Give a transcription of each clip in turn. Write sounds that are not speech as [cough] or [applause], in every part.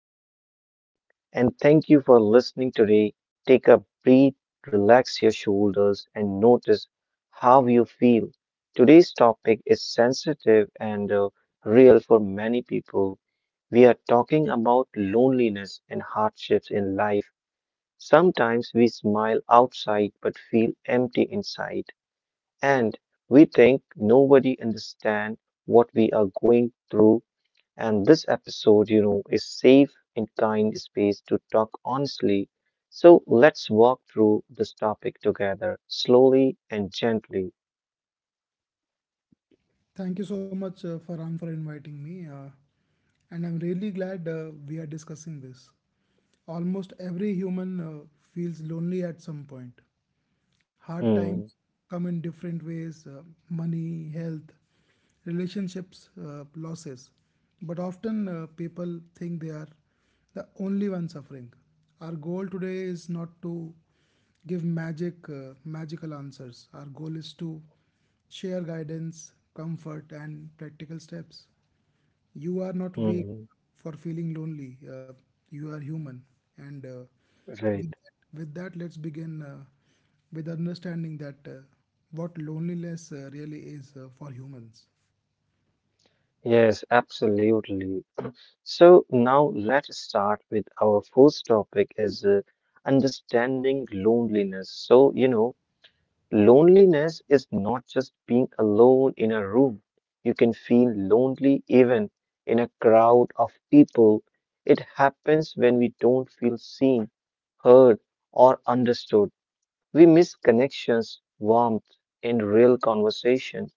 Welcome back, and thank you for listening today. Take a breath, relax your shoulders, and notice how you feel. Today's topic is sensitive and real for many people. We are talking about loneliness and hardships in life. Sometimes we smile outside but feel empty inside, and we think nobody understands what we are going through. And this episode, is safe and kind space to talk honestly. So let's walk through this topic together, slowly and gently. Thank you so much, Farhan, for inviting me. And I'm really glad we are discussing this. Almost every human feels lonely at some point. Hard Hmm. times come in different ways money, health, relationships, losses. But often people think they are the only one suffering. Our goal today is not to give magical answers. Our goal is to share guidance, comfort, and practical steps. You are not weak Hmm. for feeling lonely. You are human. And Right. With that, let's begin with understanding that what loneliness really is for humans. Yes, absolutely. So now let's start with our first topic is understanding loneliness. So, you know, loneliness is not just being alone in a room. You can feel lonely even in a crowd of people. It happens when we don't feel seen, heard, or understood. We miss connections, warmth, and real conversation.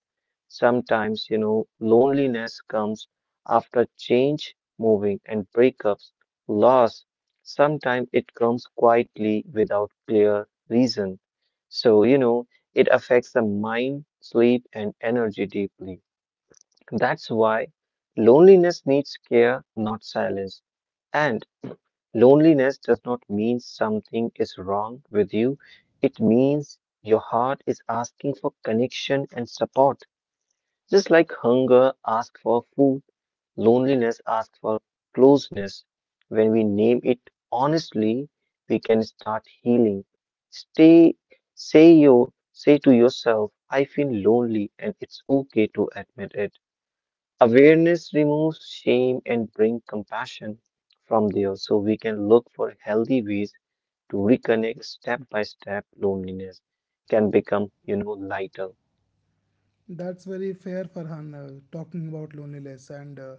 Sometimes, you know, loneliness comes after change, moving, and breakups, loss. Sometimes it comes quietly without clear reason. So, you know, it affects the mind, sleep, and energy deeply. That's why loneliness needs care, not silence. And loneliness does not mean something is wrong with you, it means your heart is asking for connection and support. Just like hunger asks for food, loneliness asks for closeness. When we name it honestly, we can start healing. Stay, say your, say to yourself, I feel lonely, and it's okay to admit it. Awareness removes shame and brings compassion from there, so we can look for healthy ways to reconnect step by step. Loneliness can become, you know, lighter. That's very fair, Farhan, talking about loneliness. And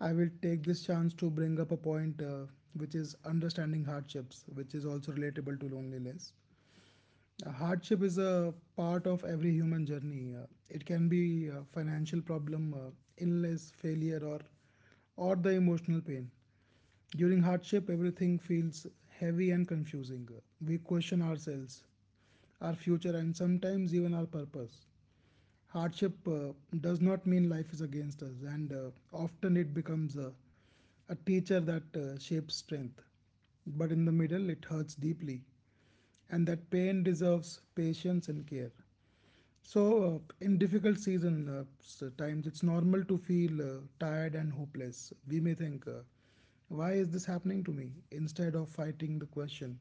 I will take this chance to bring up a point which is understanding hardships, which is also relatable to loneliness. Hardship is a part of every human journey. It can be a financial problem, illness, failure, or the emotional pain. During hardship, everything feels heavy and confusing. We question ourselves, our future, and sometimes even our purpose. Hardship does not mean life is against us, and often it becomes a teacher that shapes strength. But in the middle, it hurts deeply, and that pain deserves patience and care. So, in difficult times, it's normal to feel tired and hopeless. We may think, "Why is this happening to me?" Instead of fighting the question,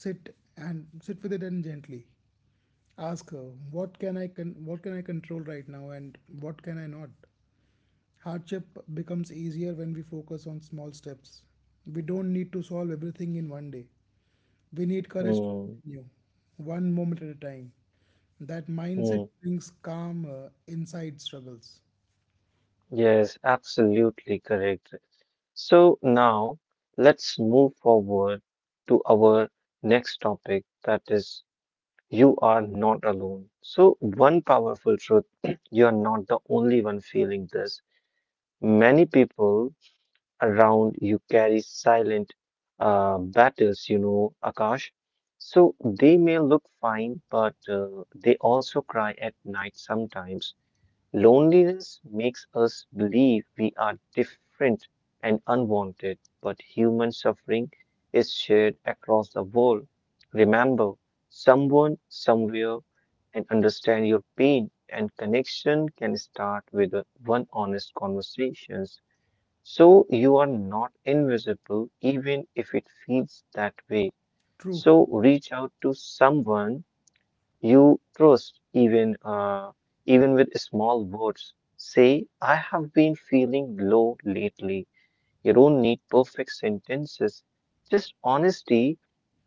sit with it and gently. Ask her, what can I control right now and what can I not? Hardship becomes easier when we focus on small steps. We don't need to solve everything in one day. We need courage to Hmm, continue, one moment at a time. That hmm. mindset brings calm inside struggles. Yes, absolutely correct. So now let's move forward to our next topic that is you are not alone. So one powerful truth, [clears throat] you are not the only one feeling this. Many people around you carry silent battles, you know, Akash. So they may look fine, but they also cry at night sometimes. Loneliness makes us believe we are different and unwanted, but human suffering is shared across the world. Remember, someone, somewhere, and understand your pain and connection can start with one honest conversations. So you are not invisible, even if it feels that way. True. So reach out to someone you trust even with small words. Say, I have been feeling low lately. You don't need perfect sentences. Just honesty.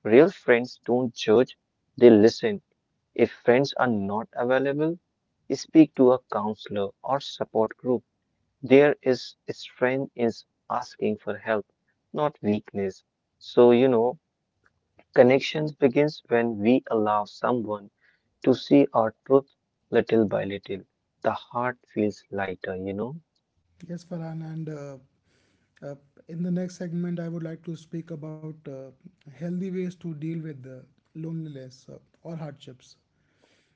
Real friends don't judge, they listen. If friends are not available, speak to a counselor or support group. There is strength in asking for help, not weakness. So, you know, connections begins when we allow someone to see our truth little by little. The heart feels lighter, you know? Yes, Farhan, and uh, in the next segment, I would like to speak about healthy ways to deal with loneliness or hardships.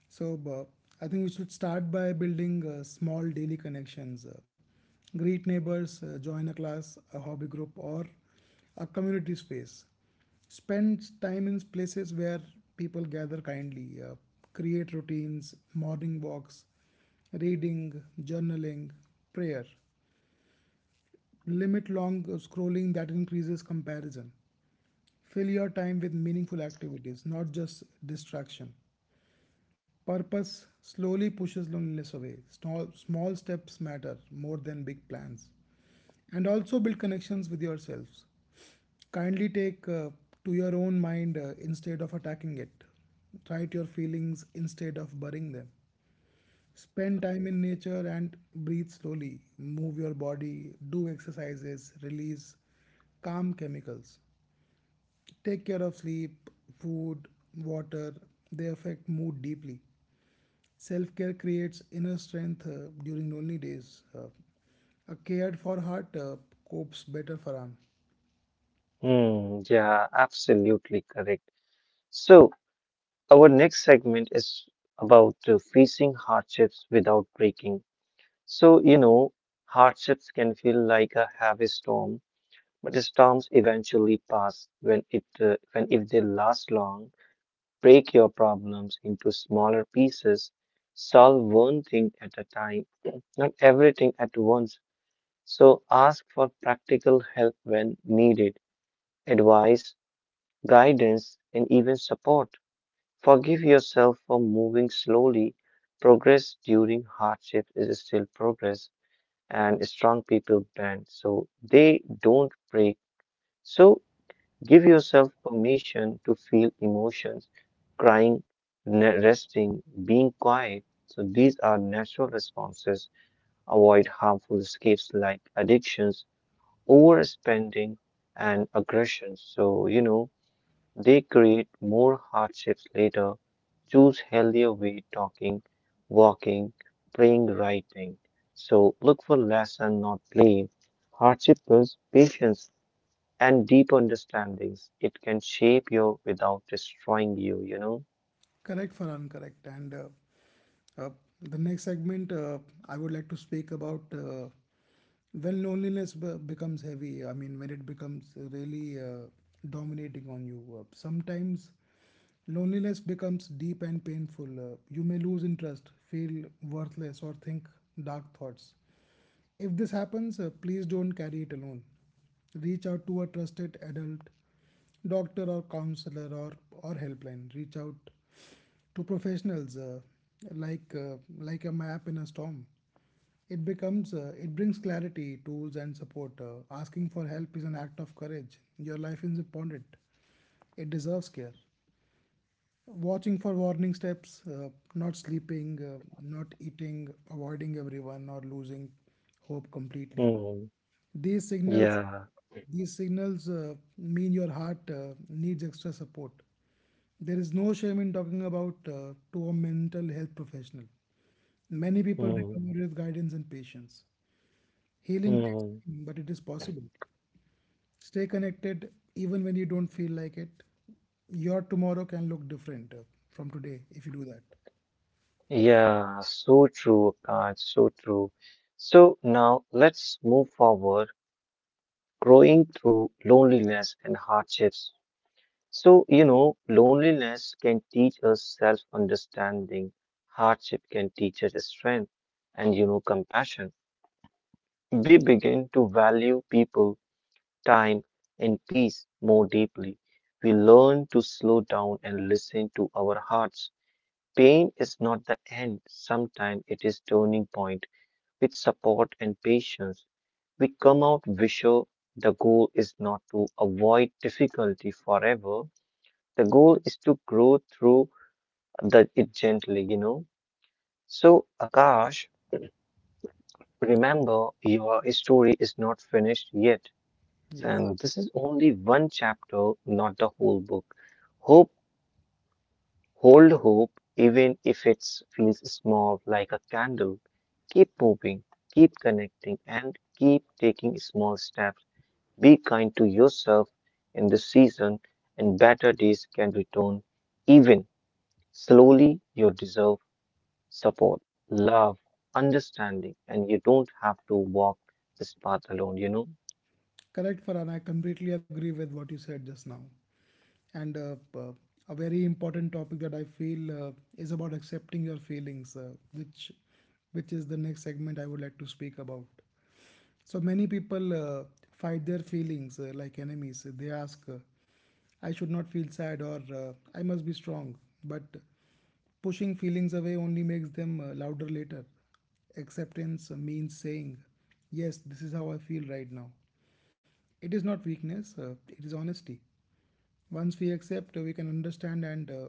So, I think we should start by building small daily connections. Greet neighbors, join a class, a hobby group, or a community space. Spend time in places where people gather kindly. Create routines, morning walks, reading, journaling, prayer. Limit long scrolling that increases comparison. Fill your time with meaningful activities, not just distraction. Purpose slowly pushes loneliness away. Small, small steps matter more than big plans. And also build connections with yourselves. Kindly take to your own mind instead of attacking it. Write your feelings instead of burying them. Spend time in nature and breathe slowly. Move your body, do exercises, release calm chemicals. Take care of sleep, food, water. They affect mood deeply. Self care creates inner strength during lonely days. A cared for heart copes better for. Hmm, yeah, absolutely correct. So, our next segment is about facing hardships without breaking. So, you know, hardships can feel like a heavy storm, but the storms eventually pass when it when if they last long, break your problems into smaller pieces, solve one thing at a time, [clears throat] not everything at once. So ask for practical help when needed, advice, guidance, and even support. Forgive yourself for moving slowly. Progress during hardship is still progress, and strong people bend so they don't break. So give yourself permission to feel emotions, crying, resting, being quiet. So these are natural responses. Avoid harmful escapes like addictions, overspending, and aggression. So, you know, they create more hardships later. Choose healthier way talking, walking, praying, writing. So look for lesson, not blame. Hardship builds patience and deep understandings. It can shape you without destroying you, you know? Correct for incorrect. And uh, the next segment, I would like to speak about when becomes heavy. I mean, when it becomes really dominating on you. Sometimes loneliness becomes deep and painful. You may lose interest, feel worthless, or think dark thoughts. If this happens, please don't carry it alone. Reach out to a trusted adult, doctor or counselor or helpline. Reach out to professionals like a map in a storm. It brings clarity, tools, and support. Asking for help is an act of courage. Your life is important. It deserves care. Watching for warning steps, not sleeping, not eating, avoiding everyone, or losing hope completely. Hmm. These signals, Yeah. these signals mean your heart needs extra support. There is no shame in talking about to a mental health professional. Many people Hmm. recover with guidance and patience. Healing takes Hmm. time, but it is possible. Stay connected even when you don't feel like it. Your tomorrow can look different from today if you do that. Yeah, so true, Akash, so true. So now let's move forward growing through loneliness and hardships. So, you know, loneliness can teach us self understanding, hardship can teach us strength and, you know, compassion. We begin to value people, time, and peace more deeply. We learn to slow down and listen to our hearts. Pain is not the end, sometimes it is turning point with support and patience we come out wiser. The goal is not to avoid difficulty forever. The goal is to grow through the, it gently, you know. So, Akash, remember your story is not finished yet. Yes. And this is only one chapter, not the whole book. Hope, hold hope, even if it feels small like a candle. Keep moving, keep connecting, and keep taking small steps. Be kind to yourself in this season, and better days can return. Even slowly, you deserve support, love, understanding, and you don't have to walk this path alone, you know? Correct, Farhan. I completely agree with what you said just now. And a very important topic that I feel is about accepting your feelings, which is the next segment I would like to speak about. So many people fight their feelings like enemies. They ask, "I should not feel sad," or "I must be strong." But pushing feelings away only makes them louder later. Acceptance means saying, "Yes, this is how I feel right now." It is not weakness, it is honesty. Once we accept, we can understand and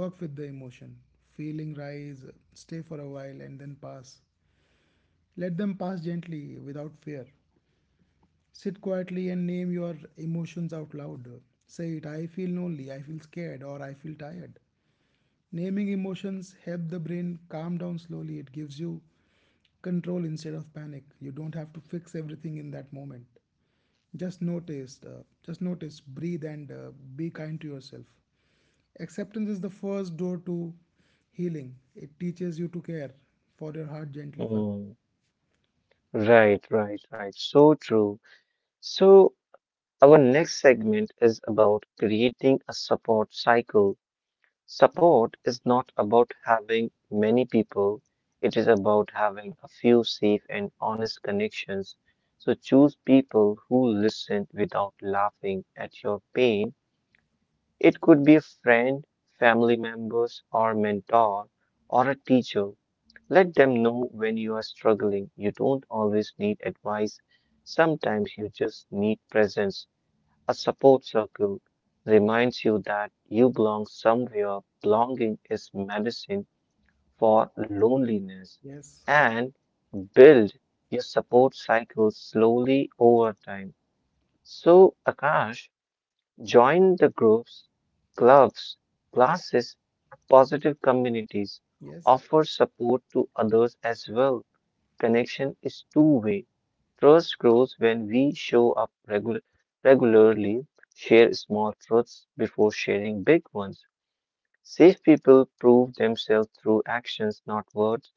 work with the emotion. Feeling rise, stay for a while, and then pass. Let them pass gently without fear. Sit quietly and name your emotions out loud. Say it I feel lonely, I feel scared, or I feel tired. Naming emotions help the brain calm down slowly. It gives you control instead of panic. You don't have to fix everything in that moment. Just notice, breathe, and be kind to yourself. Acceptance is the first door to healing. It teaches you to care for your heart gently. For. Hmm. Right, right, right. So true. So, our next segment is about creating a support cycle. Support is not about having many people, it is about having a few safe and honest connections. So choose people who listen without laughing at your pain. It could be a friend, family members, or mentor, or a teacher. Let them know when you are struggling. You don't always need advice, sometimes you just need presence. A support circle reminds you that you belong somewhere. Belonging is medicine for loneliness, Yes, correct. and build your support cycle slowly over time. So, Akash, join the groups, clubs, classes, positive communities. Yes. Offer support to others as well. Connection is two way. Trust grows when we show up regularly, share small truths before sharing big ones. Safe people prove themselves through actions, not words.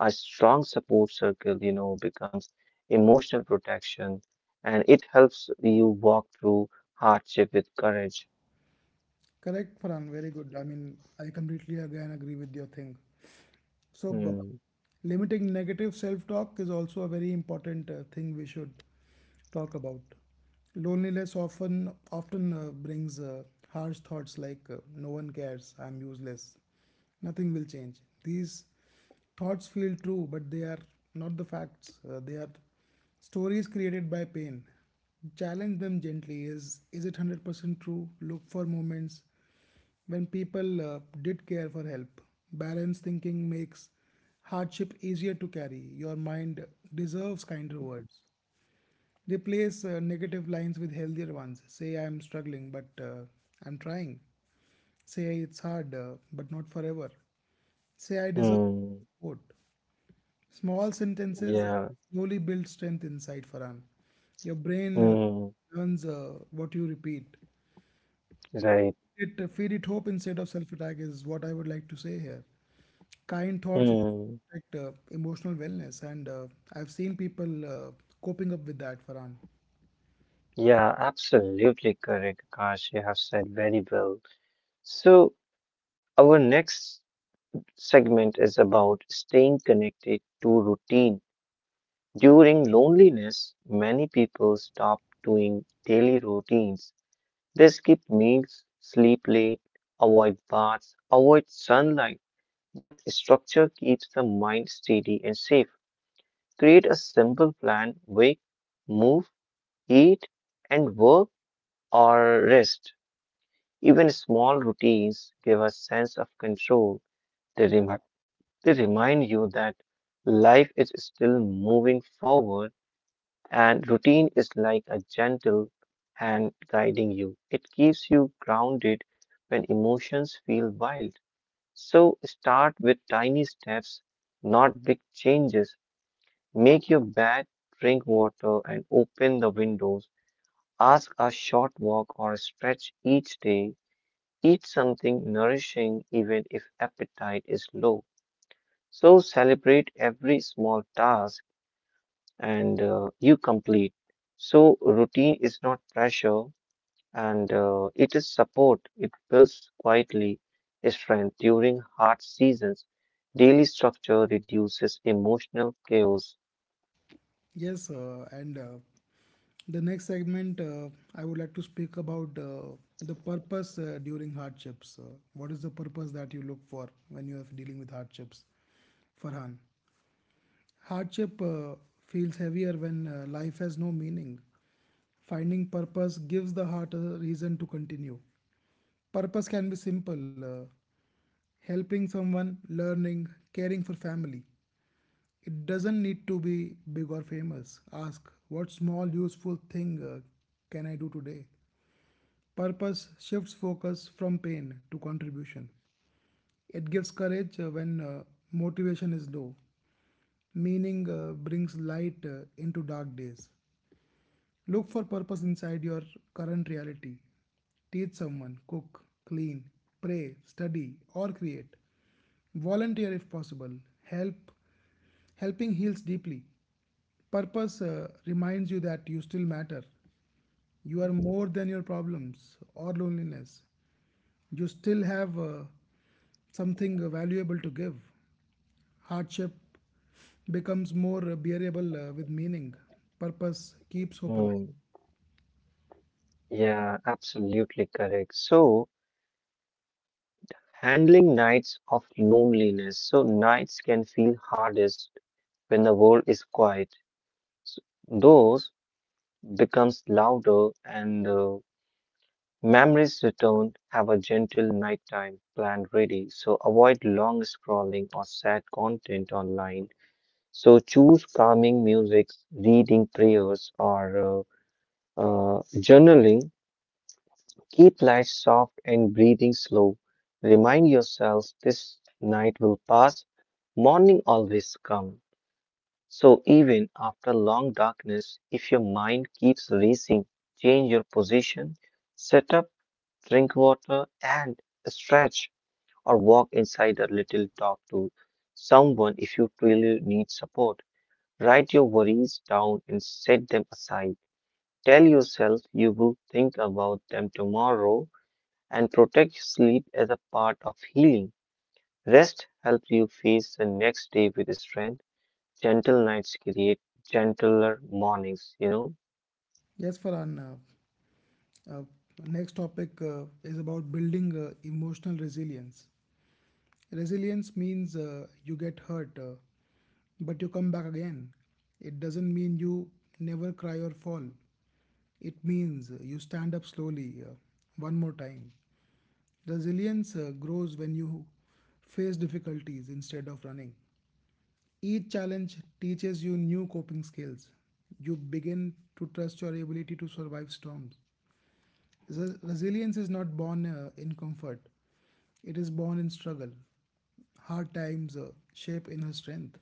A strong support circle, you know, becomes emotional protection and it helps you walk through hardship with courage. Correct, Farhan. Very good. I mean, I completely again agree with your thing. So, Hmm. limiting negative self-talk is also a very important thing we should talk about. Loneliness often brings harsh thoughts like "no one cares," "I'm useless," "nothing will change." These thoughts feel true, but they are not the facts. They are stories created by pain. Challenge them gently. Is it 100% true? Look for moments when people did care for help. Balanced thinking makes hardship easier to carry. Your mind deserves kinder words. Replace negative lines with healthier ones. Say, I am struggling, but I'm trying. Say, it's hard, but not forever. Say, I deserve Hmm. support. Small sentences Yeah. slowly build strength inside Farhan. Your brain Hmm. learns what you repeat. Right. It feed it hope instead of self-attack is what I would like to say here. Kind thoughts Hmm. protect emotional wellness, and I've seen people coping up with that, Farhan. Yeah, absolutely correct, Akash. You have said very well. So, our next segment is about staying connected to routine. During loneliness, many people stop doing daily routines. They skip meals, sleep late, avoid baths, avoid sunlight, but structure keeps the mind steady and safe. Create a simple plan wake, move, eat, and work or rest. Even small routines give a sense of control. They remind They remind you that life is still moving forward, and routine is like a gentle hand guiding you. It keeps you grounded when emotions feel wild. So start with tiny steps, not big changes. Make your bed, drink water, and open the windows. Ask a short walk or stretch each day. Eat something nourishing even if appetite is low. So celebrate every small task and you complete. So routine is not pressure and it is support. It builds quietly strength during hard seasons. Daily structure reduces emotional chaos. Yes, and the next segment, I would like to speak about the purpose during hardships. What is the purpose that you look for when you are dealing with hardships? Farhan, hardship feels heavier when life has no meaning. Finding purpose gives the heart a reason to continue. Purpose can be simple helping someone, learning, caring for family. It doesn't need to be big or famous. Ask, what small useful thing can I do today? Purpose shifts focus from pain to contribution. It gives courage when motivation is low. Meaning brings light into dark days. Look for purpose inside your current reality. Teach someone, cook, clean, pray, study, or create. Volunteer if possible. Help. Helping heals deeply. Purpose reminds you that you still matter. You are more than your problems or loneliness. You still have something valuable to give. Hardship becomes more bearable with meaning. Purpose keeps hope alive. Hmm. Yeah, absolutely correct. So handling nights of loneliness. So nights can feel hardest when the world is quiet. So, those becomes louder and memories return, have a gentle nighttime plan ready, so avoid long scrolling or sad content online. So choose calming music, reading prayers, or journaling. Keep lights soft and breathing slow. Remind yourself this night will pass, morning always come. So even after long darkness, if your mind keeps racing, change your position, set up drink water, and stretch or walk inside a little. Talk to someone if you really need support. Write your worries down and set them aside. Tell yourself you will think about them tomorrow and protect your sleep as a part of healing. Rest helps you face the next day with strength. Gentle nights create gentler mornings, you know? Yes, Farhan. Uh, Next topic is about building emotional resilience. Resilience means you get hurt, but you come back again. It doesn't mean you never cry or fall. It means you stand up slowly, one more time. Resilience grows when you face difficulties instead of running. Each challenge teaches you new coping skills. You begin to trust your ability to survive storms. Resilience is not born in comfort, it is born in struggle. Hard times shape inner strength.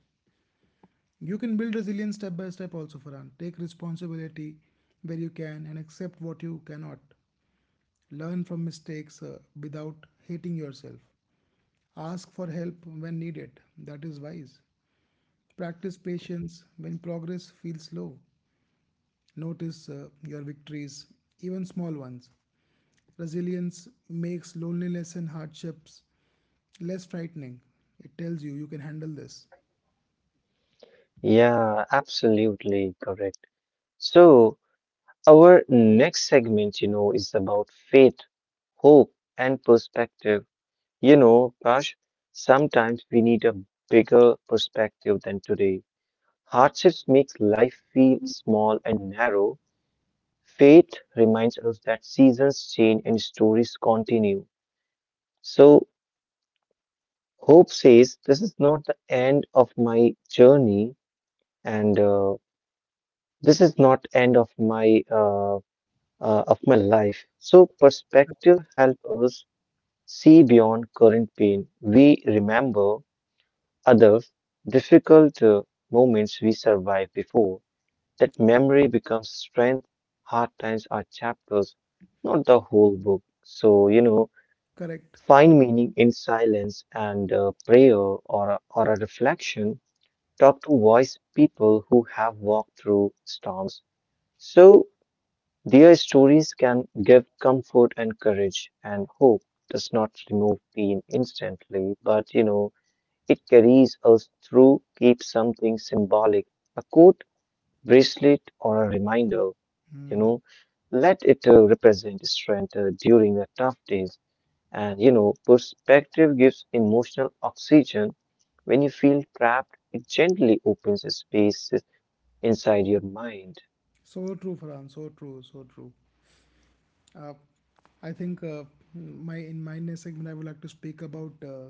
You can build resilience step by step, also, Farhan. Take responsibility where you can and accept what you cannot. Learn from mistakes without hating yourself. Ask for help when needed. That is wise. Practice patience when progress feels slow. Notice your victories, even small ones. Resilience makes loneliness and hardships less frightening. It tells you you can handle this. Yeah, absolutely correct. So, our next segment, you know, is about faith, hope, and perspective. You know, Prash, sometimes we need a bigger perspective than today. Hardships makes life feel small and narrow. Faith reminds us that seasons change and stories continue. So, hope says this is not the end of my journey, and this is not end of my life. So, perspective helps us see beyond current pain. We remember other difficult moments we survived before. That memory becomes strength. Hard times are chapters, not the whole book. So, you know, Correct. find meaning in silence and prayer or a reflection. Talk to wise people who have walked through storms. So, their stories can give comfort and courage, and hope does not remove pain instantly, but you know, it carries us through, keeps something symbolic a coat, bracelet, or a reminder. You know, let it represent strength during the tough days. And you know, perspective gives emotional oxygen. When you feel trapped, it gently opens a space inside your mind. So true, Farhan. So true. So true. Uh, I think my in my next segment I would like to speak about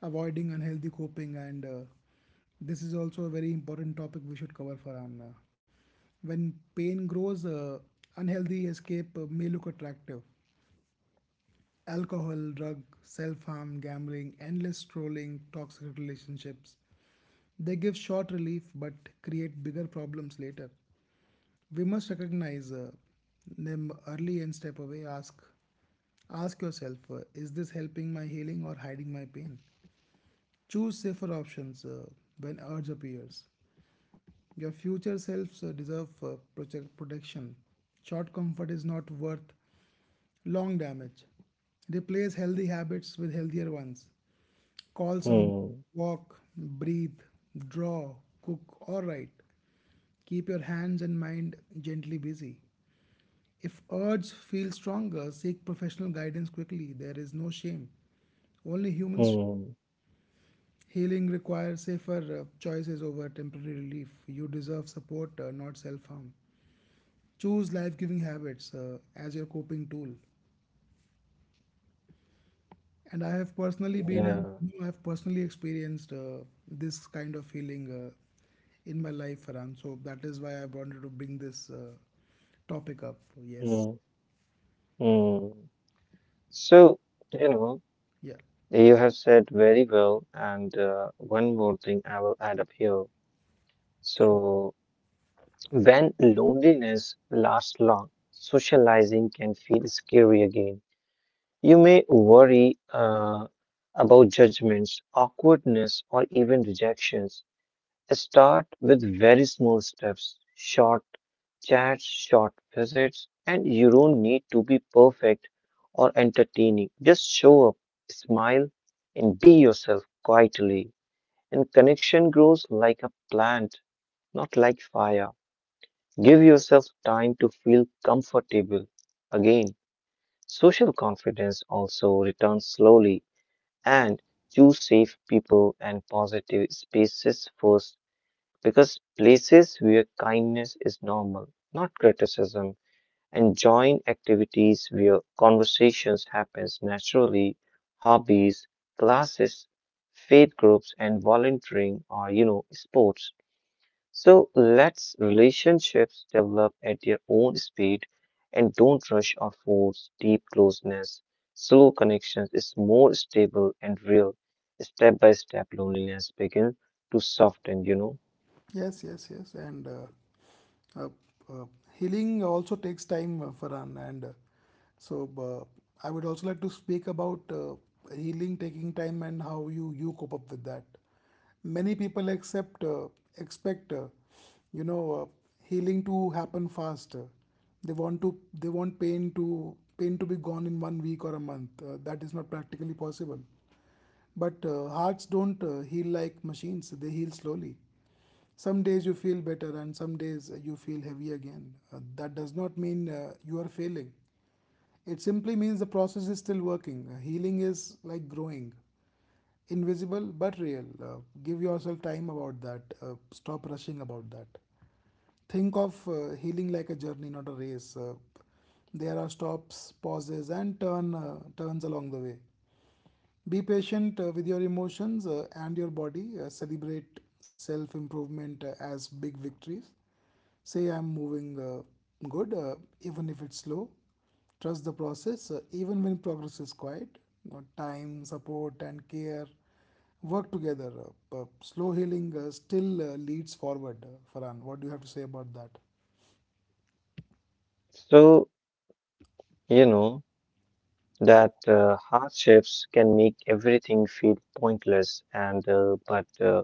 avoiding unhealthy coping, and this is also a very important topic we should cover, Farhan. When pain grows, unhealthy escape may look attractive, alcohol, drug, self harm, gambling, endless scrolling, toxic relationships. They give short relief but create bigger problems later. We must recognize them early and step away. Ask yourself: Is this helping my healing or hiding my pain? Choose safer options when urge appears. Your future selves deserve protection. Short comfort is not worth long damage. Replace healthy habits with healthier ones. Call some, Hmm, walk, breathe, draw, cook, or write. Keep your hands and mind gently busy. If urge feels stronger, seek professional guidance quickly. There is no shame. Only humans. hmm, Healing requires safer choices over temporary relief. You deserve support, not self harm. Choose life giving habits as your coping tool. And I have personally been, yeah. I have personally experienced this kind of feeling in my life, Farhan. So that is why I wanted to bring this topic up. Yes. Hmm. Mm. So, you know, Yeah. you have said very well, and one more thing I will add up here. So, when loneliness lasts long, socializing can feel scary again. You may worry about judgments, awkwardness, or even rejections. Start with very small steps, short chats, short visits, and you don't need to be perfect or entertaining. Just show up, smile, and be yourself quietly. And connection grows like a plant, not like fire. Give yourself time to feel comfortable. Again, social confidence also returns slowly, and choose safe people and positive spaces first because places where kindness is normal, not criticism. And join activities where conversations happens naturally: hobbies, classes, faith groups, and volunteering or sports. So let's relationships develop at their own speed, and don't rush or force deep closeness. Slow connections is more stable and real. Step by step loneliness begin to soften. Yes, yes, yes. And uh, uh, healing also takes time, Farhan. And I would also like to speak about healing taking time and how you cope up with that. Many people expect, you know, uh, healing to happen fast. They want pain to be gone in one week or a month. That is not practically possible. But hearts don't heal like machines, they heal slowly. Some days you feel better, and some days you feel heavy again. That does not mean you are failing. It simply means the process is still working. Healing is like growing, invisible but real. Give yourself time about that. Stop rushing about that. Think of healing like a journey, not a race. There are stops, pauses, and turns along the way. Be patient with your emotions and your body. Celebrate self improvement as big victories. Say, I'm moving good, even if it's slow. Trust the process, even when progress is quiet. Time, support, and care work together. Slow healing still leads forward. Farhan, what do you have to say about that? So You know Yeah. that hardships can make everything feel pointless, and but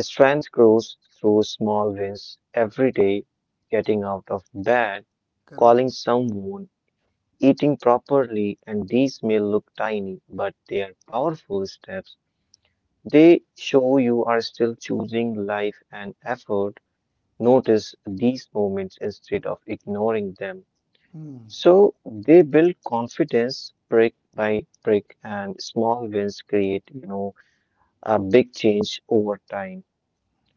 strength grows through small wins every day: getting out of bed, Correct? calling someone, eating properly. And these may look tiny, but they are powerful steps. They show you are still choosing life and effort. Notice these moments instead of ignoring them. So they build confidence brick by brick, and small wins create, you know, a big change over time.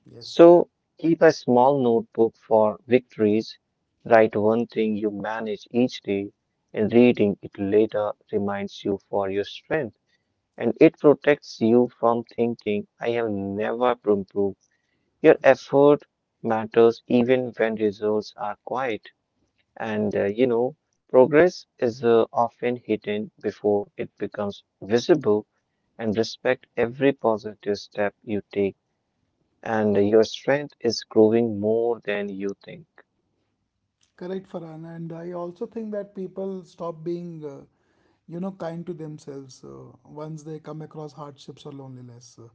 Yes. So keep a small notebook for victories. Write one thing you manage each day, and reading it later reminds you for your strength. And it protects you from thinking, I have never improved. Your effort matters even when results are quiet. And you know, progress is often hidden before it becomes visible, and respect every positive step you take. And your strength is growing more than you think. Correct, Farhan. And I also think that people stop being, kind to themselves once they come across hardships or loneliness.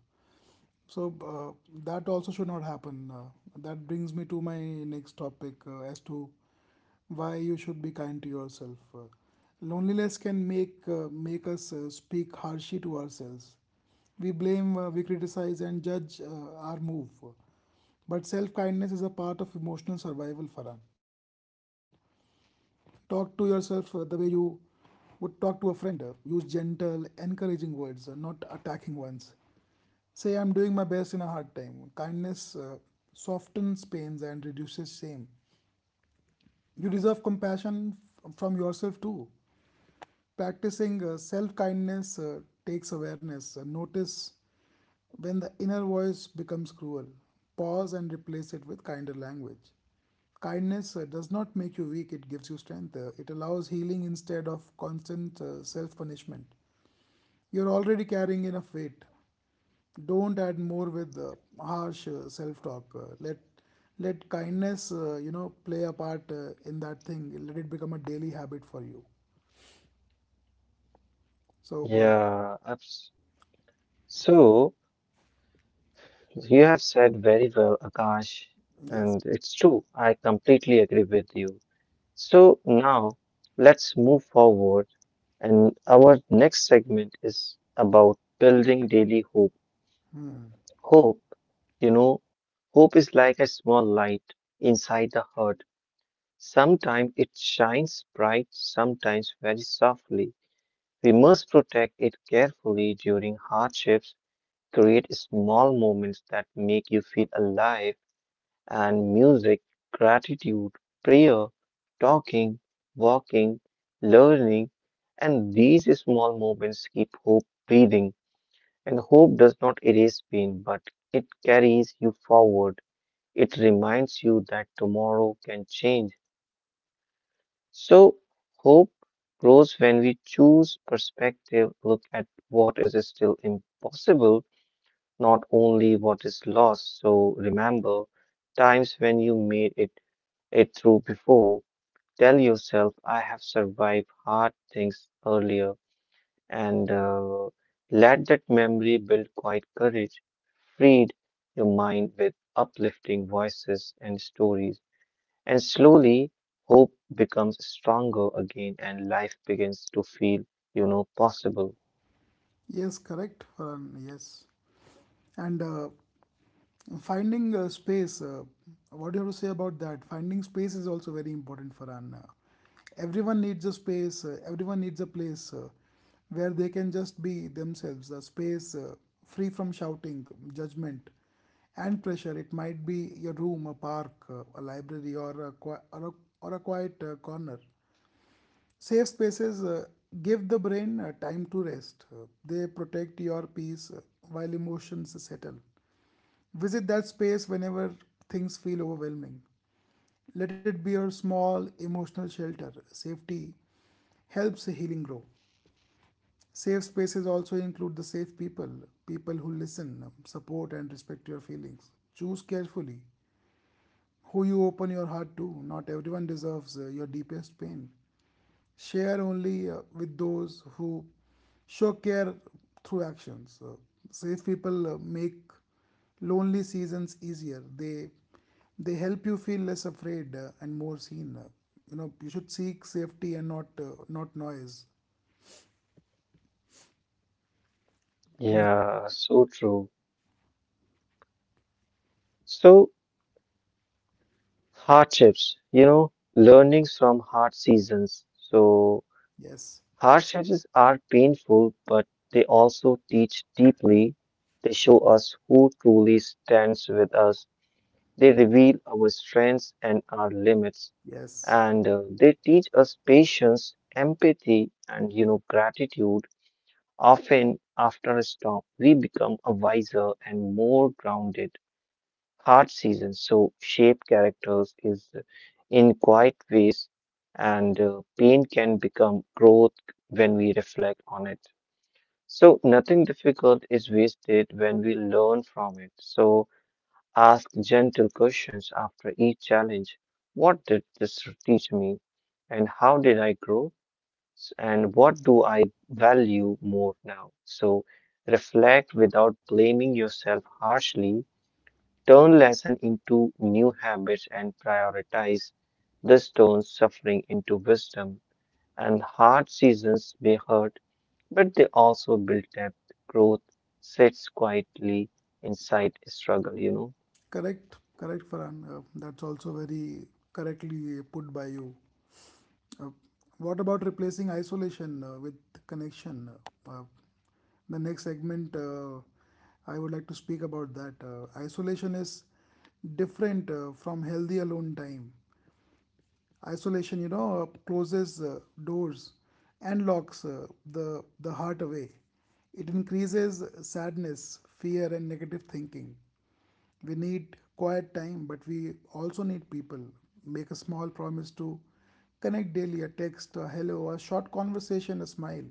So uh, that also should not happen. That brings me to my next topic as to why you should be kind to yourself. Loneliness can make us speak harshly to ourselves. We criticize, and judge our move. But self kindness is a part of emotional survival, Farhan. Talk to yourself the way you would talk to a friend. Use gentle, encouraging words, not attacking ones. Say, I'm doing my best in a hard time. Kindness softens pains and reduces shame. You deserve compassion from yourself too. Practicing self kindness takes awareness. Notice when the inner voice becomes cruel, pause and replace it with kinder language. Kindness does not make you weak, it gives you strength. It allows healing instead of constant self punishment. You're already carrying enough weight. Don't add more with harsh self talk. Let kindness, play a part in that thing. Let it become a daily habit for you. So, uh, Yeah, abs- so you have said very well, Akash, yes, and it's true. I completely agree with you. So now let's move forward, and our next segment is about building daily hope. Hope, you know, hope is like a small light inside the heart. Sometimes it shines bright, sometimes very softly. We must protect it carefully during hardships. Create small moments that make you feel alive: and music, gratitude, prayer, talking, walking, learning. And these small moments keep hope breathing. And hope does not erase pain, but it carries you forward. It reminds you that tomorrow can change. So hope grows when we choose perspective. Look at what is still impossible, not only what is lost. So remember times when you made it, it through before. Tell yourself, I have survived hard things earlier. And Let that memory build quiet courage. Feed your mind with uplifting voices and stories, and slowly hope becomes stronger again, and life begins to feel, you know, possible. yes, correct, Farhan, yes. And Finding space, what do you have to say about that? Finding space is also very important for an. Everyone needs a space, everyone needs a place where they can just be themselves, a space free from shouting, judgment, and pressure. It might be your room, a park, a library, or a quiet corner. Safe spaces give the brain time to rest. They protect your peace while emotions settle. Visit that space whenever things feel overwhelming. Let it be your small emotional shelter. Safety helps healing grow. Safe spaces also include the safe people, people who listen, support, and respect your feelings. Choose carefully who you open your heart to. Not everyone deserves your deepest pain share only with those who show care through actions. Safe people make lonely seasons easier. They help you feel less afraid and more seen. You know you should seek safety and not noise. Yeah, so true. So, hardships, you know, learnings from hard seasons. So Yes, hardships are painful, but they also teach deeply. They show us who truly stands with us. They reveal our strengths and our limits, yes, and they teach us patience, empathy, and gratitude. Often after a storm, we become a wiser and more grounded. Hard seasons so shape characters is in quiet ways, and pain can become growth when we reflect on it. So nothing difficult is wasted when we learn from it. So ask gentle questions after each challenge. What did this teach me? And how did I grow? And what do I value more now? So reflect without blaming yourself harshly. Turn lesson into new habits and prioritize the stone suffering into wisdom. And hard seasons may hurt, but they also build depth. Growth sits quietly inside struggle. correct, correct, Farhan. That's also very correctly put by you. Uh, what about replacing isolation with connection? Uh, uh, the next segment, I would like to speak about that. Isolation is different from healthy alone time. Isolation, closes doors and locks the heart away. It increases sadness, fear, and negative thinking. We need quiet time, but we also need people. Make a small promise to connect daily, a text, a hello, a short conversation, a smile.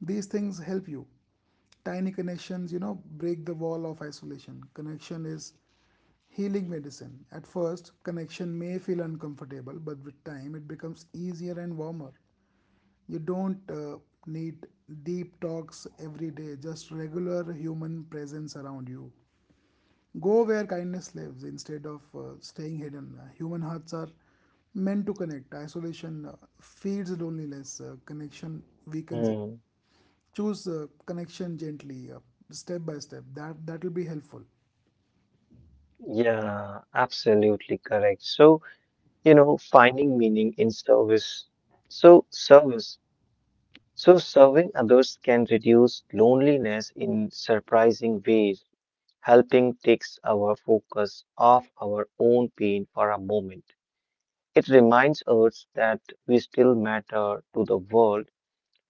These things help you. Tiny connections, break the wall of isolation. Connection is healing medicine. At first, connection may feel uncomfortable, but with time, it becomes easier and warmer. You don't need deep talks every day, just regular human presence around you. Go where kindness lives instead of staying hidden. Human hearts are meant to connect. Isolation feeds loneliness, connection weakens it. Hmm. Choose connection gently, step by step. That will be helpful. Yeah, absolutely correct. So, you know, finding meaning in service. So, service. So, serving others can reduce loneliness in surprising ways. Helping takes our focus off our own pain for a moment. It reminds us that we still matter to the world.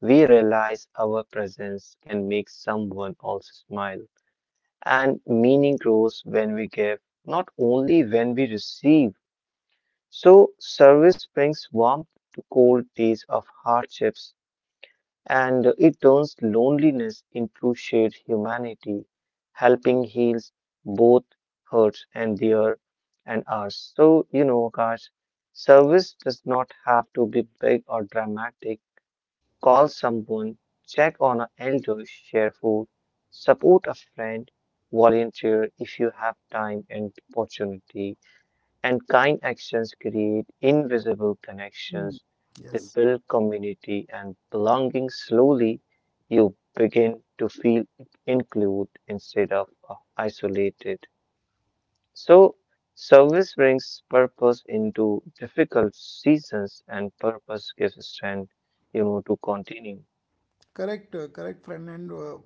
We realize our presence can make someone else smile. And meaning grows when we give, not only when we receive. So service brings warmth to cold days of hardships, and it turns loneliness into shared humanity. Helping heals both hurts and ours. So, you know, guys, service does not have to be big or dramatic. Call someone, check on an elder, share food, support a friend, volunteer if you have time and opportunity, and kind actions create invisible Hmm. connections. They Yes. build community and belonging. Slowly, you begin to feel included instead of isolated. So service brings purpose into difficult seasons, and purpose gives strength, you know, to continue. Correct, correct, friend. And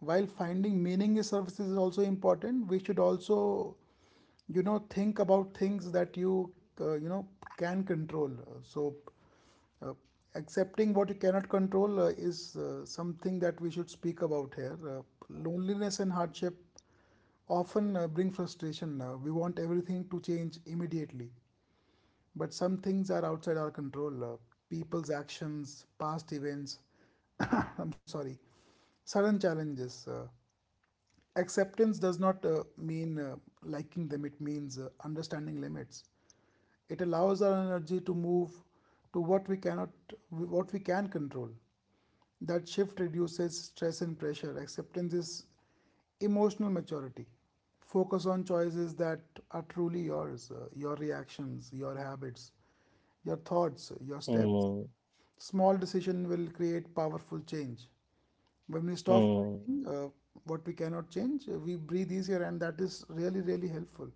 While finding meaning in services is also important, we should also, think about things that you can control. Uh, Accepting what you cannot control is something that we should speak about here. Loneliness and hardship often bring frustration. We want everything to change immediately. But some things are outside our control. People's actions, past events, [coughs] I'm sorry, sudden challenges. Acceptance does not mean liking them, it means understanding limits. It allows our energy to move to what we cannot, what we can control. That shift reduces stress and pressure. Acceptance is emotional maturity. Focus on choices that are truly yours, your reactions, your habits, your thoughts, your steps. Hmm, Small decision will create powerful change. When we stop hmm, fighting, what we cannot change, we breathe easier, and that is really, really helpful.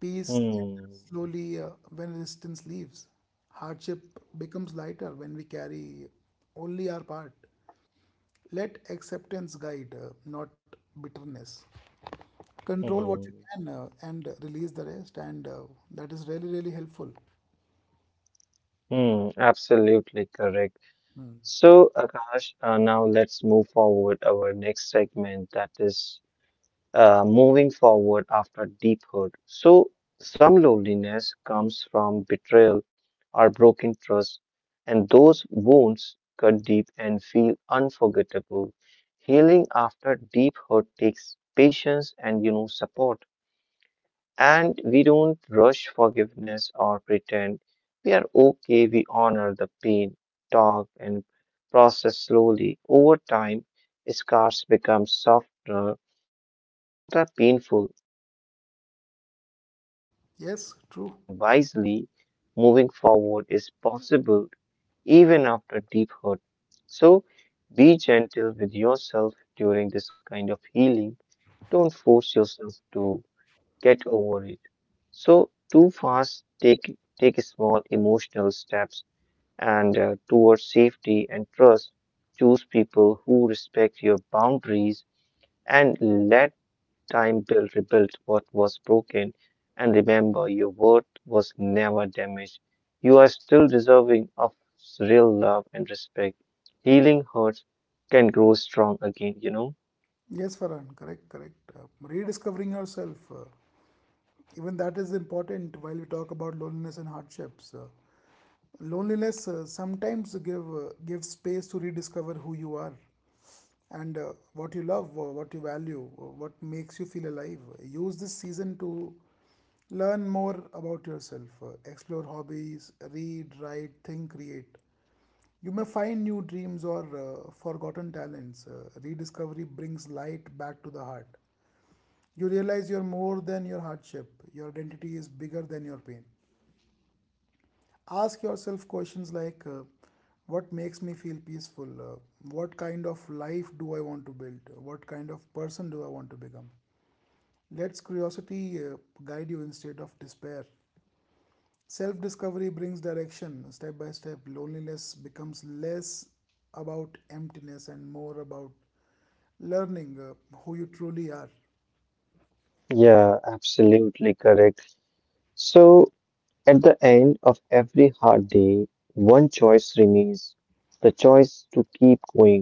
Peace hmm, enters slowly when resistance leaves. Hardship becomes lighter when we carry only our part. Let acceptance guide, not bitterness. Control what you hmm, can and release the rest, and that is really, really helpful. hmm. Absolutely correct. So, Akash, now let's move forward our next segment, that is moving forward after deep hurt. So some loneliness comes from betrayal or broken trust, and those wounds cut deep and feel unforgettable. Healing after deep hurt takes patience and support. And we don't rush forgiveness or pretend we are okay. We honor the pain, talk, and process slowly. Over time, scars become softer, not as painful. You learn to trust again Yes, carefully true. and wisely. Moving forward is possible even after deep hurt. So be gentle with yourself during this kind of healing. Don't force yourself to get over it. So too fast, take small emotional steps and towards safety and trust. Choose people who respect your boundaries, and let time build rebuild what was broken. And remember, your worth was never damaged. You are still deserving of real love and respect. Healing hurts can grow strong again. Yes, Farhan, correct, correct. Rediscovering yourself, even that is important while we talk about loneliness and hardships. Loneliness sometimes give space to rediscover who you are and what you love, what you value, what makes you feel alive. Use this season to learn more about yourself, explore hobbies, read, write, think, create. You may find new dreams or forgotten talents. Rediscovery brings light back to the heart. You realize you're more than your hardship. Your identity is bigger than your pain. Ask yourself questions like what makes me feel peaceful? What kind of life do I want to build? What kind of person do I want to become? Let curiosity guide you instead of despair. Self discovery brings direction step by step. Loneliness becomes less about emptiness and more about learning who you truly are. Yeah, absolutely correct. So at the end of every hard day, one choice remains: the choice to keep going.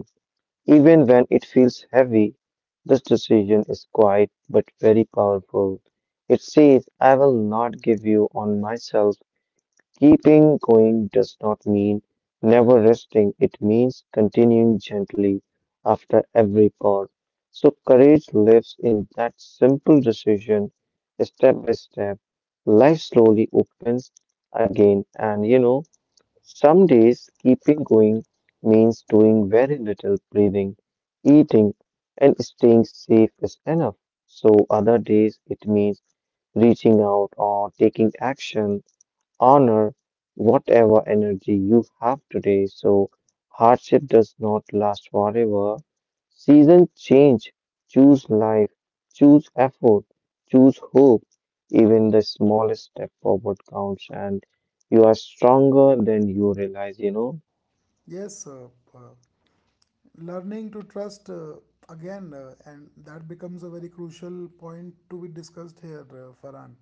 Even when it feels heavy, this decision is quiet but very powerful. It says, I will not give you on myself. Keeping going does not mean never resting, it means continuing gently after every pause. So courage lives in that simple decision. Step by step, life slowly opens again, and, you know, some days keeping going means doing very little. Breathing, eating, and staying safe is enough. So other days it means reaching out or taking action. Honor whatever energy you have today, so hardship does not last forever. Seasons change. Choose life, choose effort, choose hope. Even the smallest step forward counts, and you are stronger than you realize, you know. Yes, uh, Learning to trust again and that becomes a very crucial point to be discussed here, farhan.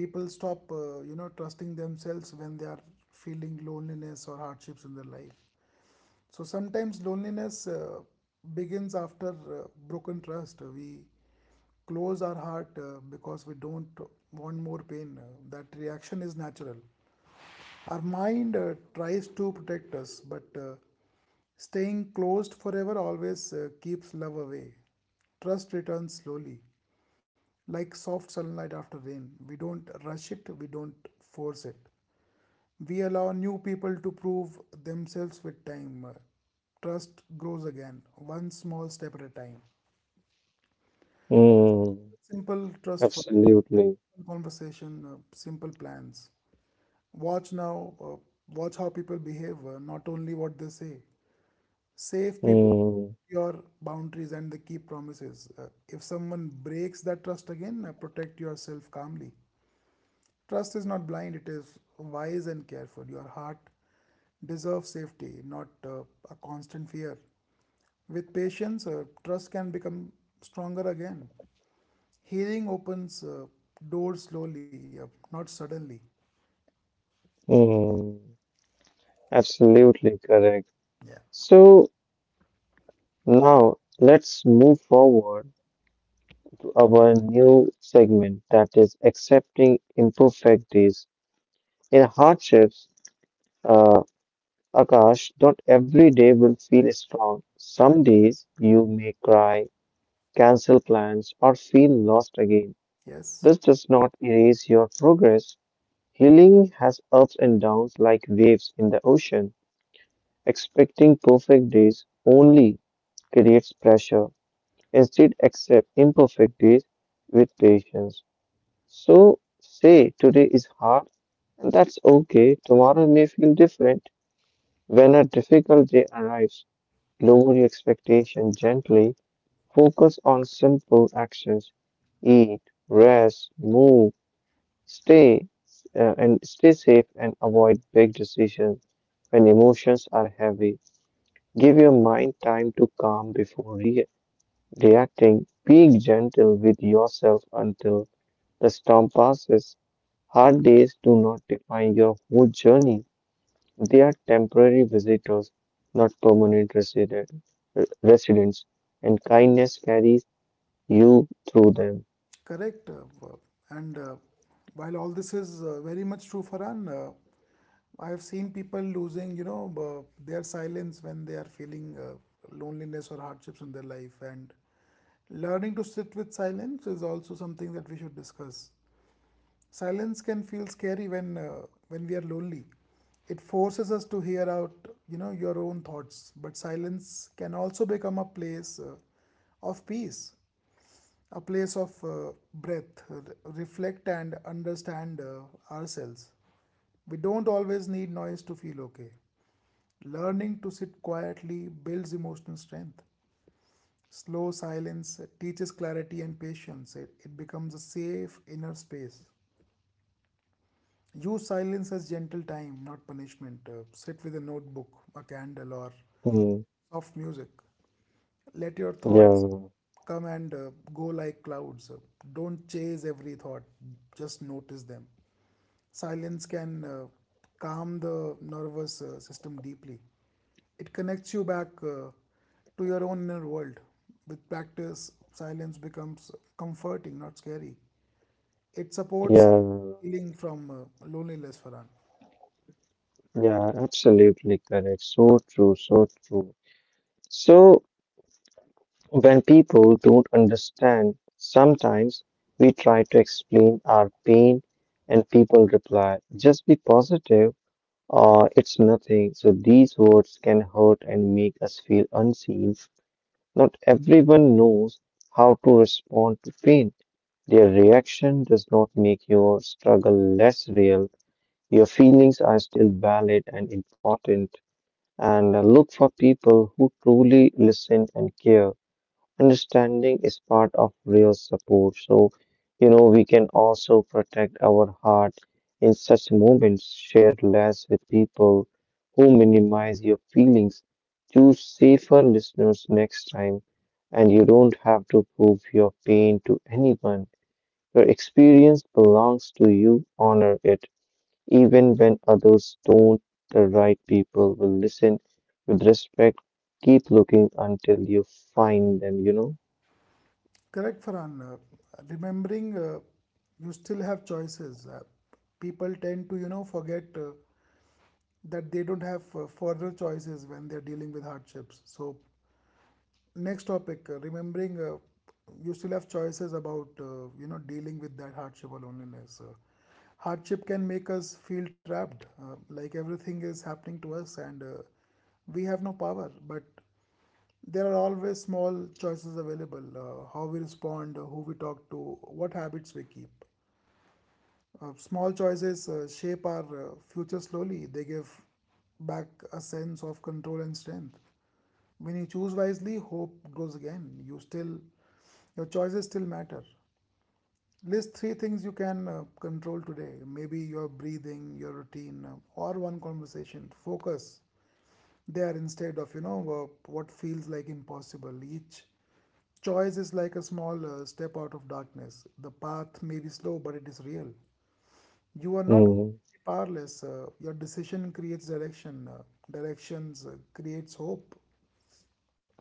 People stop, trusting themselves when they are feeling loneliness or hardships in their life. So sometimes loneliness begins after broken trust. We close our heart because we don't want more pain. That reaction is natural. Our mind tries to protect us, but staying closed forever always keeps love away. Trust returns slowly, like soft sunlight after rain. We don't rush it, we don't force it. We allow new people to prove themselves with time. Trust grows again, one small step at a time. Mm, Simple trust for absolutely. conversation, simple plans. Watch now, uh, Watch how people behave, not only what they say. Safe people Mm, your boundaries and the key promises. If someone breaks that trust again, protect yourself calmly. Trust is not blind, it is wise and careful. Your heart deserves safety, not a constant fear. With patience, trust can become stronger again. Healing opens doors slowly, not suddenly. mm, absolutely correct. Yeah. So now let's move forward our new segment, that is accepting imperfect days. In hardships, uh, Akash, not every day will feel strong. I- Some days you may cry, cancel plans, or feel lost again. This Yes. does not erase your progress. Healing has ups and downs like waves in the ocean. Expecting perfect days only creates pressure. Instead, accept imperfect days with patience. So say today is hard, and that's okay. Tomorrow may feel different. When a difficult day arrives, lower your expectation gently. Focus on simple actions. Eat, rest, move, stay, and stay safe and avoid big decisions. When emotions are heavy, give your mind time to calm before reacting. Be gentle with yourself until the storm passes. Hard days do not define your whole journey. They are temporary visitors, not residents, and kindness carries you through them. Correct. And While all this is very much true, Farhan, I have seen people losing, their silence when they are feeling loneliness or hardships in their life. And learning to sit with silence is also something that we should discuss. Silence can feel scary when we are lonely. It forces us to hear out, your own thoughts. But silence can also become a place of peace, a place of breath, reflect and understand ourselves. We don't always need noise to feel okay. Learning to sit quietly builds emotional strength. Slow silence teaches clarity and patience. It becomes a safe inner space. Use silence as gentle time, not punishment. Sit with a notebook, a candle, or Hmm. soft music. Let your thoughts Yeah, come and go like clouds. Don't chase every thought, just notice them. Silence can calm the nervous system deeply. It connects you back to your own inner world. With practice, silence becomes comforting, not scary. It supports yeah, healing from loneliness, Farhan. yeah, absolutely correct. So true, so true. So when people don't understand, sometimes we try to explain our pain and people reply, just be positive. It's nothing. So these words can hurt and make us feel unseen. Not everyone knows how to respond to pain. Their reaction does not make your struggle less real. Your feelings are still valid and important. And look for people who truly listen and care. Understanding is part of real support. So, you know, we can also protect our heart in such moments. Share less with people who minimize your feelings. Choose safer listeners next time. And you don't have to prove your pain to anyone. Your experience belongs to you. Honor it. Even when others don't, the right people will listen with respect. Keep looking until you find them, you know. Correct, Farhan. Remembering you still have choices. People tend to, you know, forget. That they don't have further choices when they're dealing with hardships. So, next topic, remembering you still have choices about you know dealing with that hardship or loneliness. Hardship can make us feel trapped, like everything is happening to us and we have no power. But there are always small choices available: how we respond, who we talk to, what habits we keep. Small choices shape our future slowly. They give back a sense of control and strength. When you choose wisely, hope grows again. You still, your choices still matter. List three things you can control today. Maybe your breathing, your routine, or one conversation. Focus there instead of you know what feels like impossible. Each choice is like a small step out of darkness. The path may be slow, but it is real. You are not Mm, powerless. Your decision creates direction. Directions creates hope.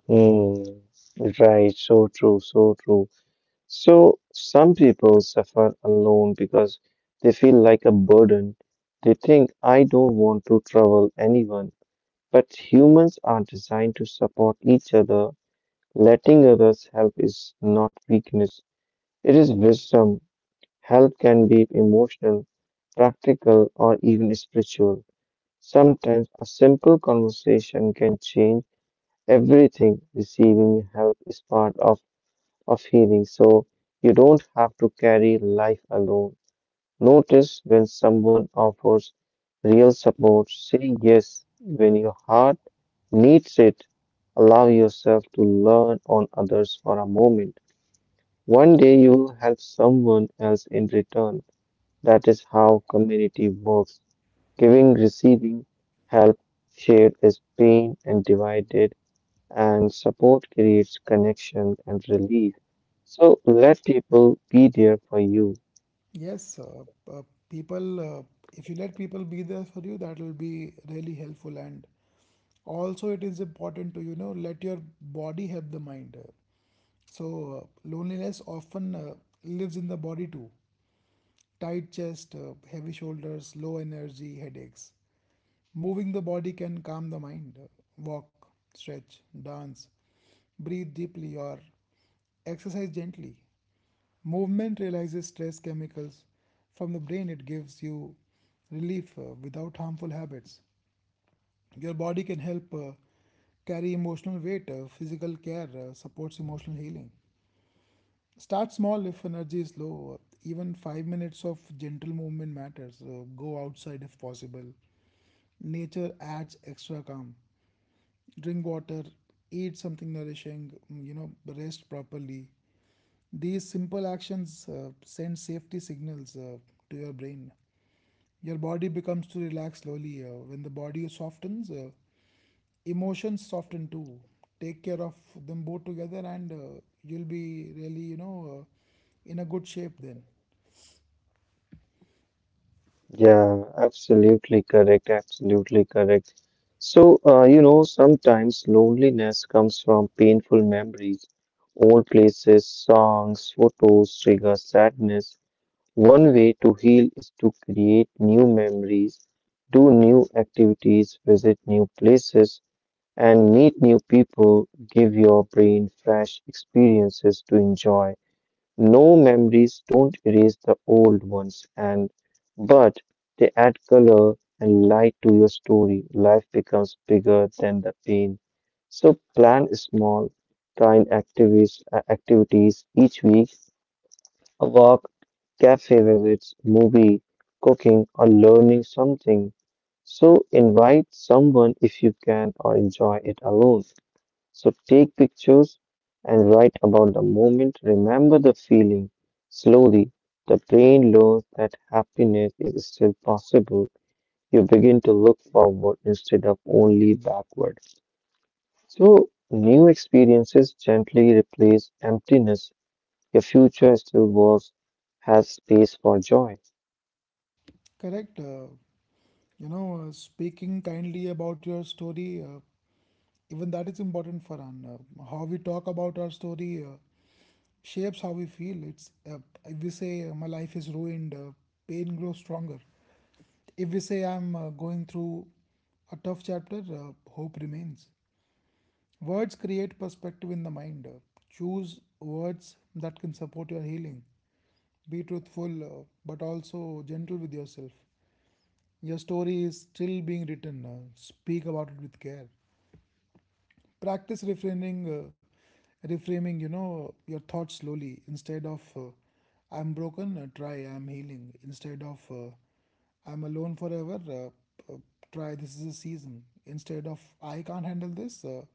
mm, right, so true, so true. So some people suffer alone because they feel like a burden. They think, I don't want to trouble anyone. But humans are designed to support each other. Letting others help is not weakness, it is wisdom. Help can be emotional, practical, or even spiritual. Sometimes a simple conversation can change everything. Receiving help is part of healing, so you don't have to carry life alone. Notice when someone offers real support. Say yes when your heart needs it. Allow yourself to learn on others for a moment. One day you will help someone else in return. That is how community works. Giving, receiving help shared is pain and divided, and support creates connection and relief. So let people be there for you. Yes, uh, people. If you let people be there for you, that will be really helpful. And also, it is important to you know let your body help the mind. So uh, Loneliness often lives in the body too. Tight chest, heavy shoulders, low energy, headaches. Moving the body can calm the mind. Walk, stretch, dance, breathe deeply, or exercise gently. Movement releases stress chemicals from the brain, it gives you relief without harmful habits. Your body can help carry emotional weight, physical care supports emotional healing. Start small if energy is low. Even 5 minutes of gentle movement matters. Go outside if possible. Nature adds extra calm. Drink water, eat something nourishing, you know, rest properly. These simple actions send safety signals to your brain. Your body becomes to relax slowly. When the body softens, emotions soften too. Take care of them both together, and you'll be really you know in a good shape then. Yeah, absolutely correct. Absolutely correct. So, you know, sometimes loneliness comes from painful memories. Old places, songs, photos trigger sadness. One way to heal is to create new memories, do new activities, visit new places, and meet new people. Give your brain fresh experiences to enjoy. No memories don't erase the old ones, and but they add color and light to your story. Life becomes bigger than the pain. So plan small, kind activities each week: a walk, cafe visits, movie, cooking, or learning something. So invite someone if you can or enjoy it alone. So take pictures and write about the moment. Remember the feeling. Slowly, the brain learns that happiness is still possible. You begin to look forward instead of only backward. So new experiences gently replace emptiness. Your future has space for joy. Correct. You know, speaking kindly about your story, even that is important for an. How we talk about our story shapes how we feel. It's If we say my life is ruined, pain grows stronger. If we say I'm going through a tough chapter, hope remains. Words create perspective in the mind. Choose words that can support your healing. Be truthful, but also gentle with yourself. Your story is still being written. Speak about it with care. Practice reframing, reframing. You know your thoughts slowly. Instead of "I'm broken," try "I'm healing." Instead of "I'm alone forever," uh, try "This is a season." Instead of "I can't handle this,"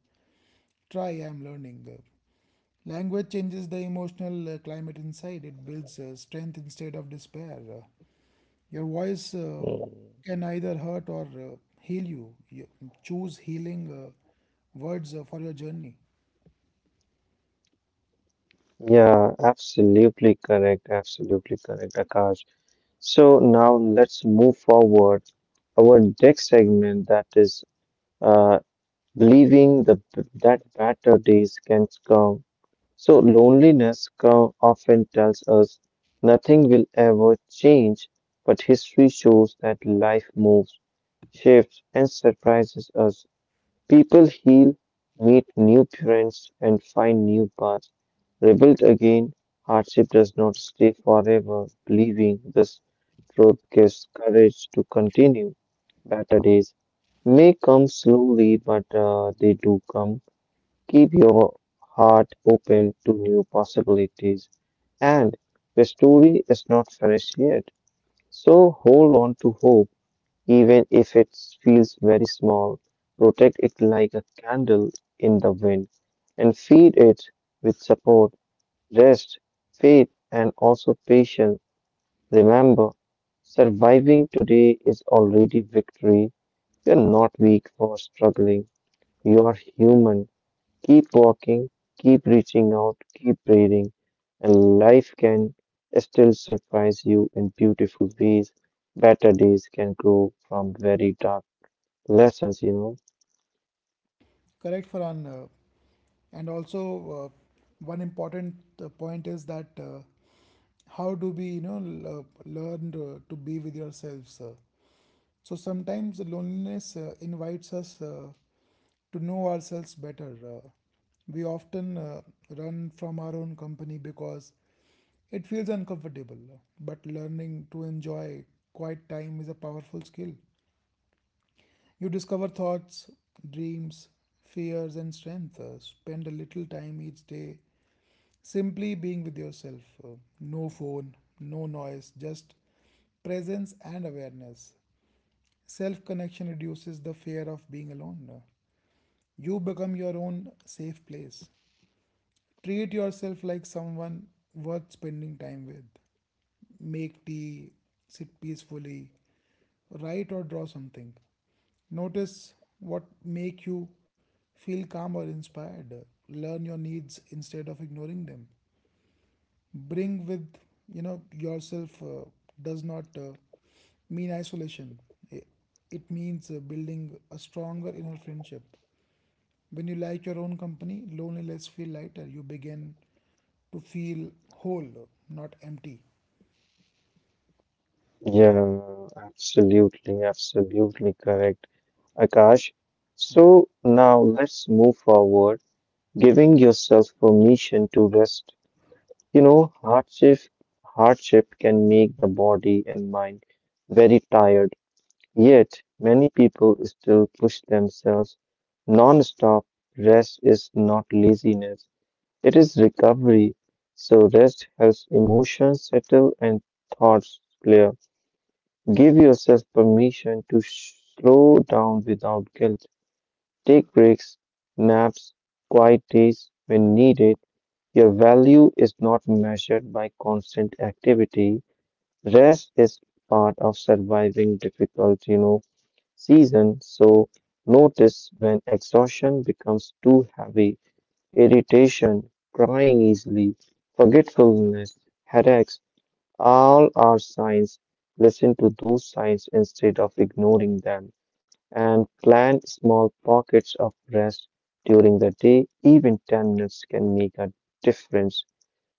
try "I'm learning." The language changes the emotional climate inside. It builds strength instead of despair. Your voice Mm. can either hurt or heal you. You choose healing words for your journey. Yeah, absolutely correct. Absolutely correct, Akash. So now let's move forward our next segment that is uh, leaving the that better days can come. So loneliness often tells us nothing will ever change, but history shows that life moves, shifts, and surprises us. People heal, meet new friends, and find new paths. Rebuilt again, hardship does not stay forever. Believing this truth gives courage to continue. Better days may come slowly, but they do come. Keep your heart open to new possibilities. And the story is not finished yet. So hold on to hope even if it feels very small. Protect it like a candle in the wind and feed it with support, rest, faith, and also patience. Remember, surviving today is already victory. You're not weak for struggling. You are human. Keep walking, keep reaching out, keep breathing, and life can still surprise you in beautiful ways. Better days can grow from very dark lessons. Correct, Farhan. And also, uh, one important point is that, how do we you know learn to be with yourselves? So sometimes loneliness invites us to know ourselves better. We often run from our own company because it feels uncomfortable, but learning to enjoy quiet time is a powerful skill. You discover thoughts, dreams, fears, and strength. Spend a little time each day simply being with yourself. No phone, no noise, just presence and awareness. Self connection reduces the fear of being alone. You become your own safe place. Treat yourself like someone worth spending time with. Make tea, sit peacefully, write or draw something. Notice what make you feel calm or inspired. Learn your needs instead of ignoring them. Bring with you know yourself, does not mean isolation. I- it means building a stronger inner friendship. When you like your own company, loneliness feel lighter. You begin to feel whole, not empty. Yeah, absolutely, absolutely correct, Akash. So now let's move forward, giving yourself permission to rest. You know, hardship can make the body and mind very tired. Yet many people still push themselves non-stop. Rest is not laziness, it is recovery. So rest helps emotions settle and thoughts clear. Give yourself permission to slow down without guilt. Take breaks, naps, quiet days when needed. Your value is not measured by constant activity. Rest is part of surviving difficult, you know, season. So notice when exhaustion becomes too heavy, irritation, crying easily, forgetfulness, headaches, all are signs. Listen to those signs instead of ignoring them and plan small pockets of rest during the day. Even 10 minutes can make a difference.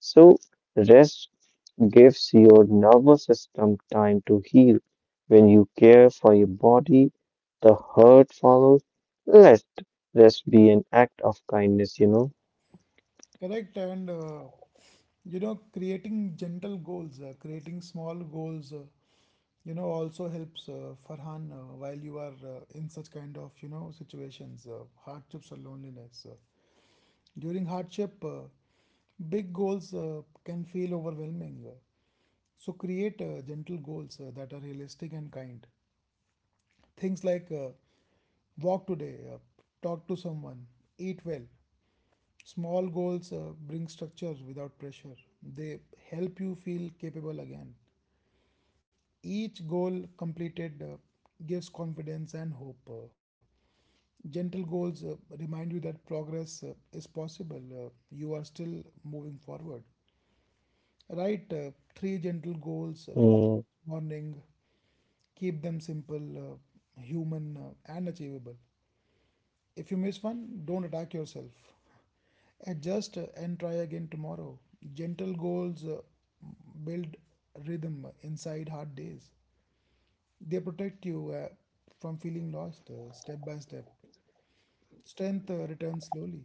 So, rest gives your nervous system time to heal. When you care for your body, the hurt follows. Let rest be an act of kindness. Correct. And you know, creating gentle goals, creating small goals, you know, also helps, Farhan, while you are in such kind of you know situations, hardships or loneliness. During hardship, big goals can feel overwhelming. So create gentle goals that are realistic and kind. Things like walk today, talk to someone, eat well. Small goals bring structure without pressure. They help you feel capable again. Each goal completed gives confidence and hope. Gentle goals remind you that progress is possible. You are still moving forward. Write three gentle goals Mm, morning, keep them simple, human, and achievable. If you miss one, don't attack yourself. Adjust and try again tomorrow. Gentle goals build rhythm inside hard days. They protect you from feeling lost step by step. Strength returns slowly.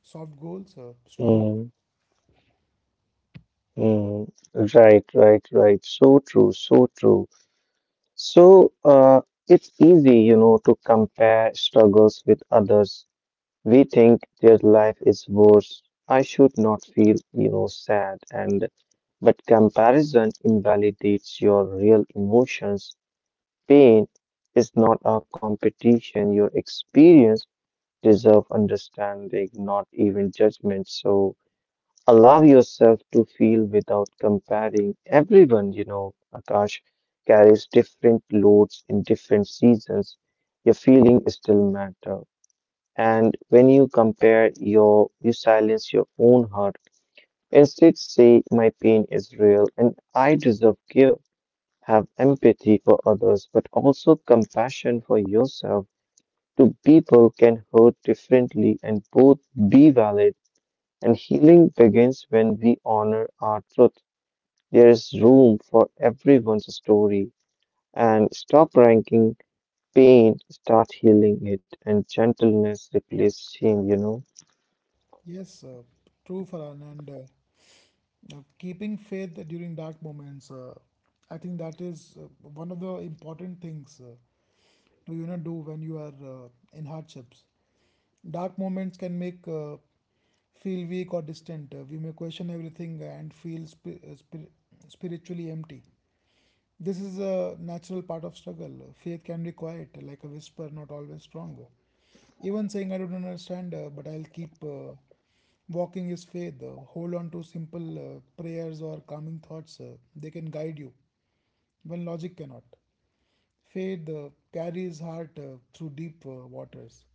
Soft goals, strong. mm, mm. Right, right, right. So true, so true. So, it's easy, you know, to compare struggles with others. We think their life is worse. I should not feel, you know, sad. And but comparison invalidates your real emotions. Pain is not a competition. Your experience deserve understanding, not even judgment. So, allow yourself to feel without comparing. Everyone, you know, Akash, carries different loads in different seasons. Your feeling still matter. And when you compare your, you silence your own heart. Instead, say, my pain is real and I deserve care. Have empathy for others, but also compassion for yourself. Two people can hurt differently and both be valid. And healing begins when we honor our truth. There is room for everyone's story and stop ranking pain, start healing it, and gentleness replace shame. Yes, true, Farhan. And now, keeping faith during dark moments, I think that is one of the important things to you know do when you are in hardships. Dark moments can make feel weak or distant. We may question everything and feel spiritually empty. This is a natural part of struggle. Faith can be quiet, like a whisper, not always strong. Even saying, "I don't understand, but I'll keep walking" is faith. Hold on to simple prayers or calming thoughts. They can guide you when logic cannot. Faith carries heart through deep waters.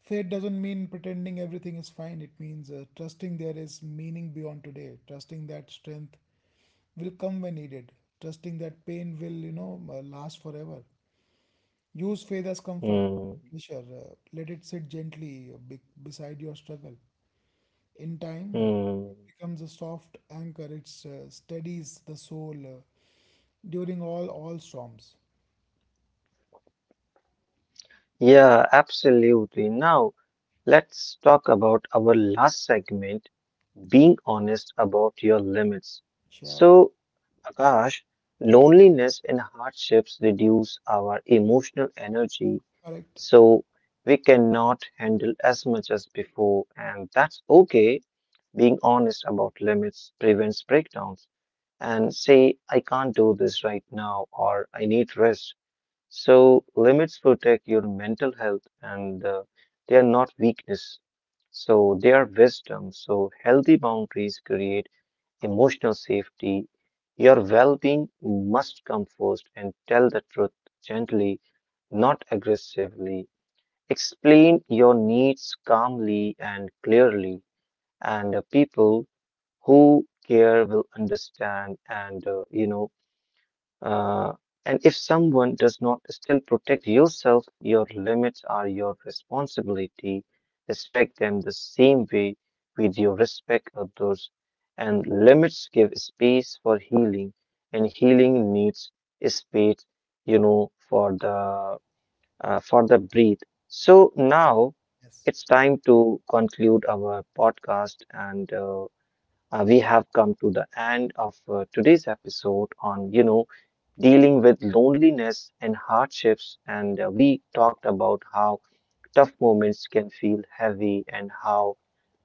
Faith doesn't mean pretending everything is fine. It means trusting there is meaning beyond today, trusting that strength will come when needed, trusting that pain will, you know, last forever. Use faith as comfort, Hmm. pressure. Let it sit gently, beside your struggle. In time, it Hmm. becomes a soft anchor. It steadies the soul during all storms. Yeah, absolutely. Now, let's talk about our last segment being honest about your limits. Sure. So, Akash, Yes. loneliness and hardships reduce our emotional energy, Correct. so we cannot handle as much as before, and that's okay. Being honest about limits prevents breakdowns and say, I can't do this right now or I need rest. So, limits protect your mental health and they are not weakness. So, they are wisdom. So, healthy boundaries create emotional safety. Your well being must come first and tell the truth gently, not aggressively. Explain your needs calmly and clearly, and people who care will understand and uh, and if someone does not still protect yourself, your limits are your responsibility. Respect them the same way with your respect others. And limits give space for healing, and healing needs space, you know, for the breathe. So now Yes. it's time to conclude our podcast and. We have come to the end of today's episode on, you know, dealing with loneliness and hardships. And we talked about how tough moments can feel heavy and how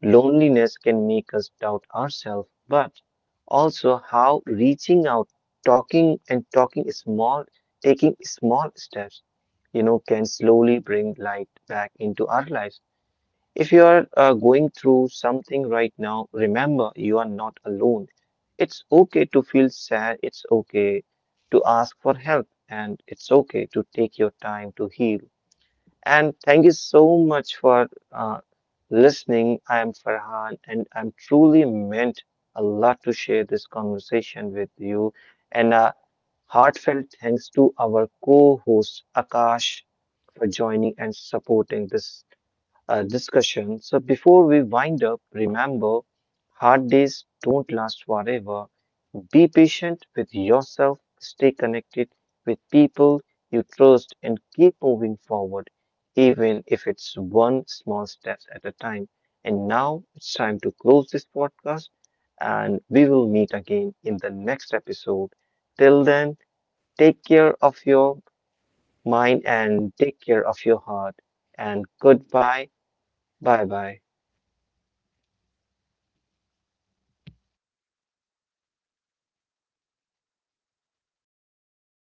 loneliness can make us doubt ourselves, but also how reaching out, talking and talking small, taking small steps, you know, can slowly bring light back into our lives. If you are going through something right now, remember you are not alone. It's okay to feel sad, it's okay to ask for help, and it's okay to take your time to heal. And thank you so much for listening. I am Farhan, and I'm truly meant a lot to share this conversation with you. And a heartfelt thanks to our co host Akash for joining and supporting this discussion. So before we wind up, remember hard days don't last forever. Be patient with yourself, stay connected with people you trust, and keep moving forward, even if it's one small step at a time. And now it's time to close this podcast, and we will meet again in the next episode. Till then, take care of your mind and take care of your heart. And goodbye. Bye bye.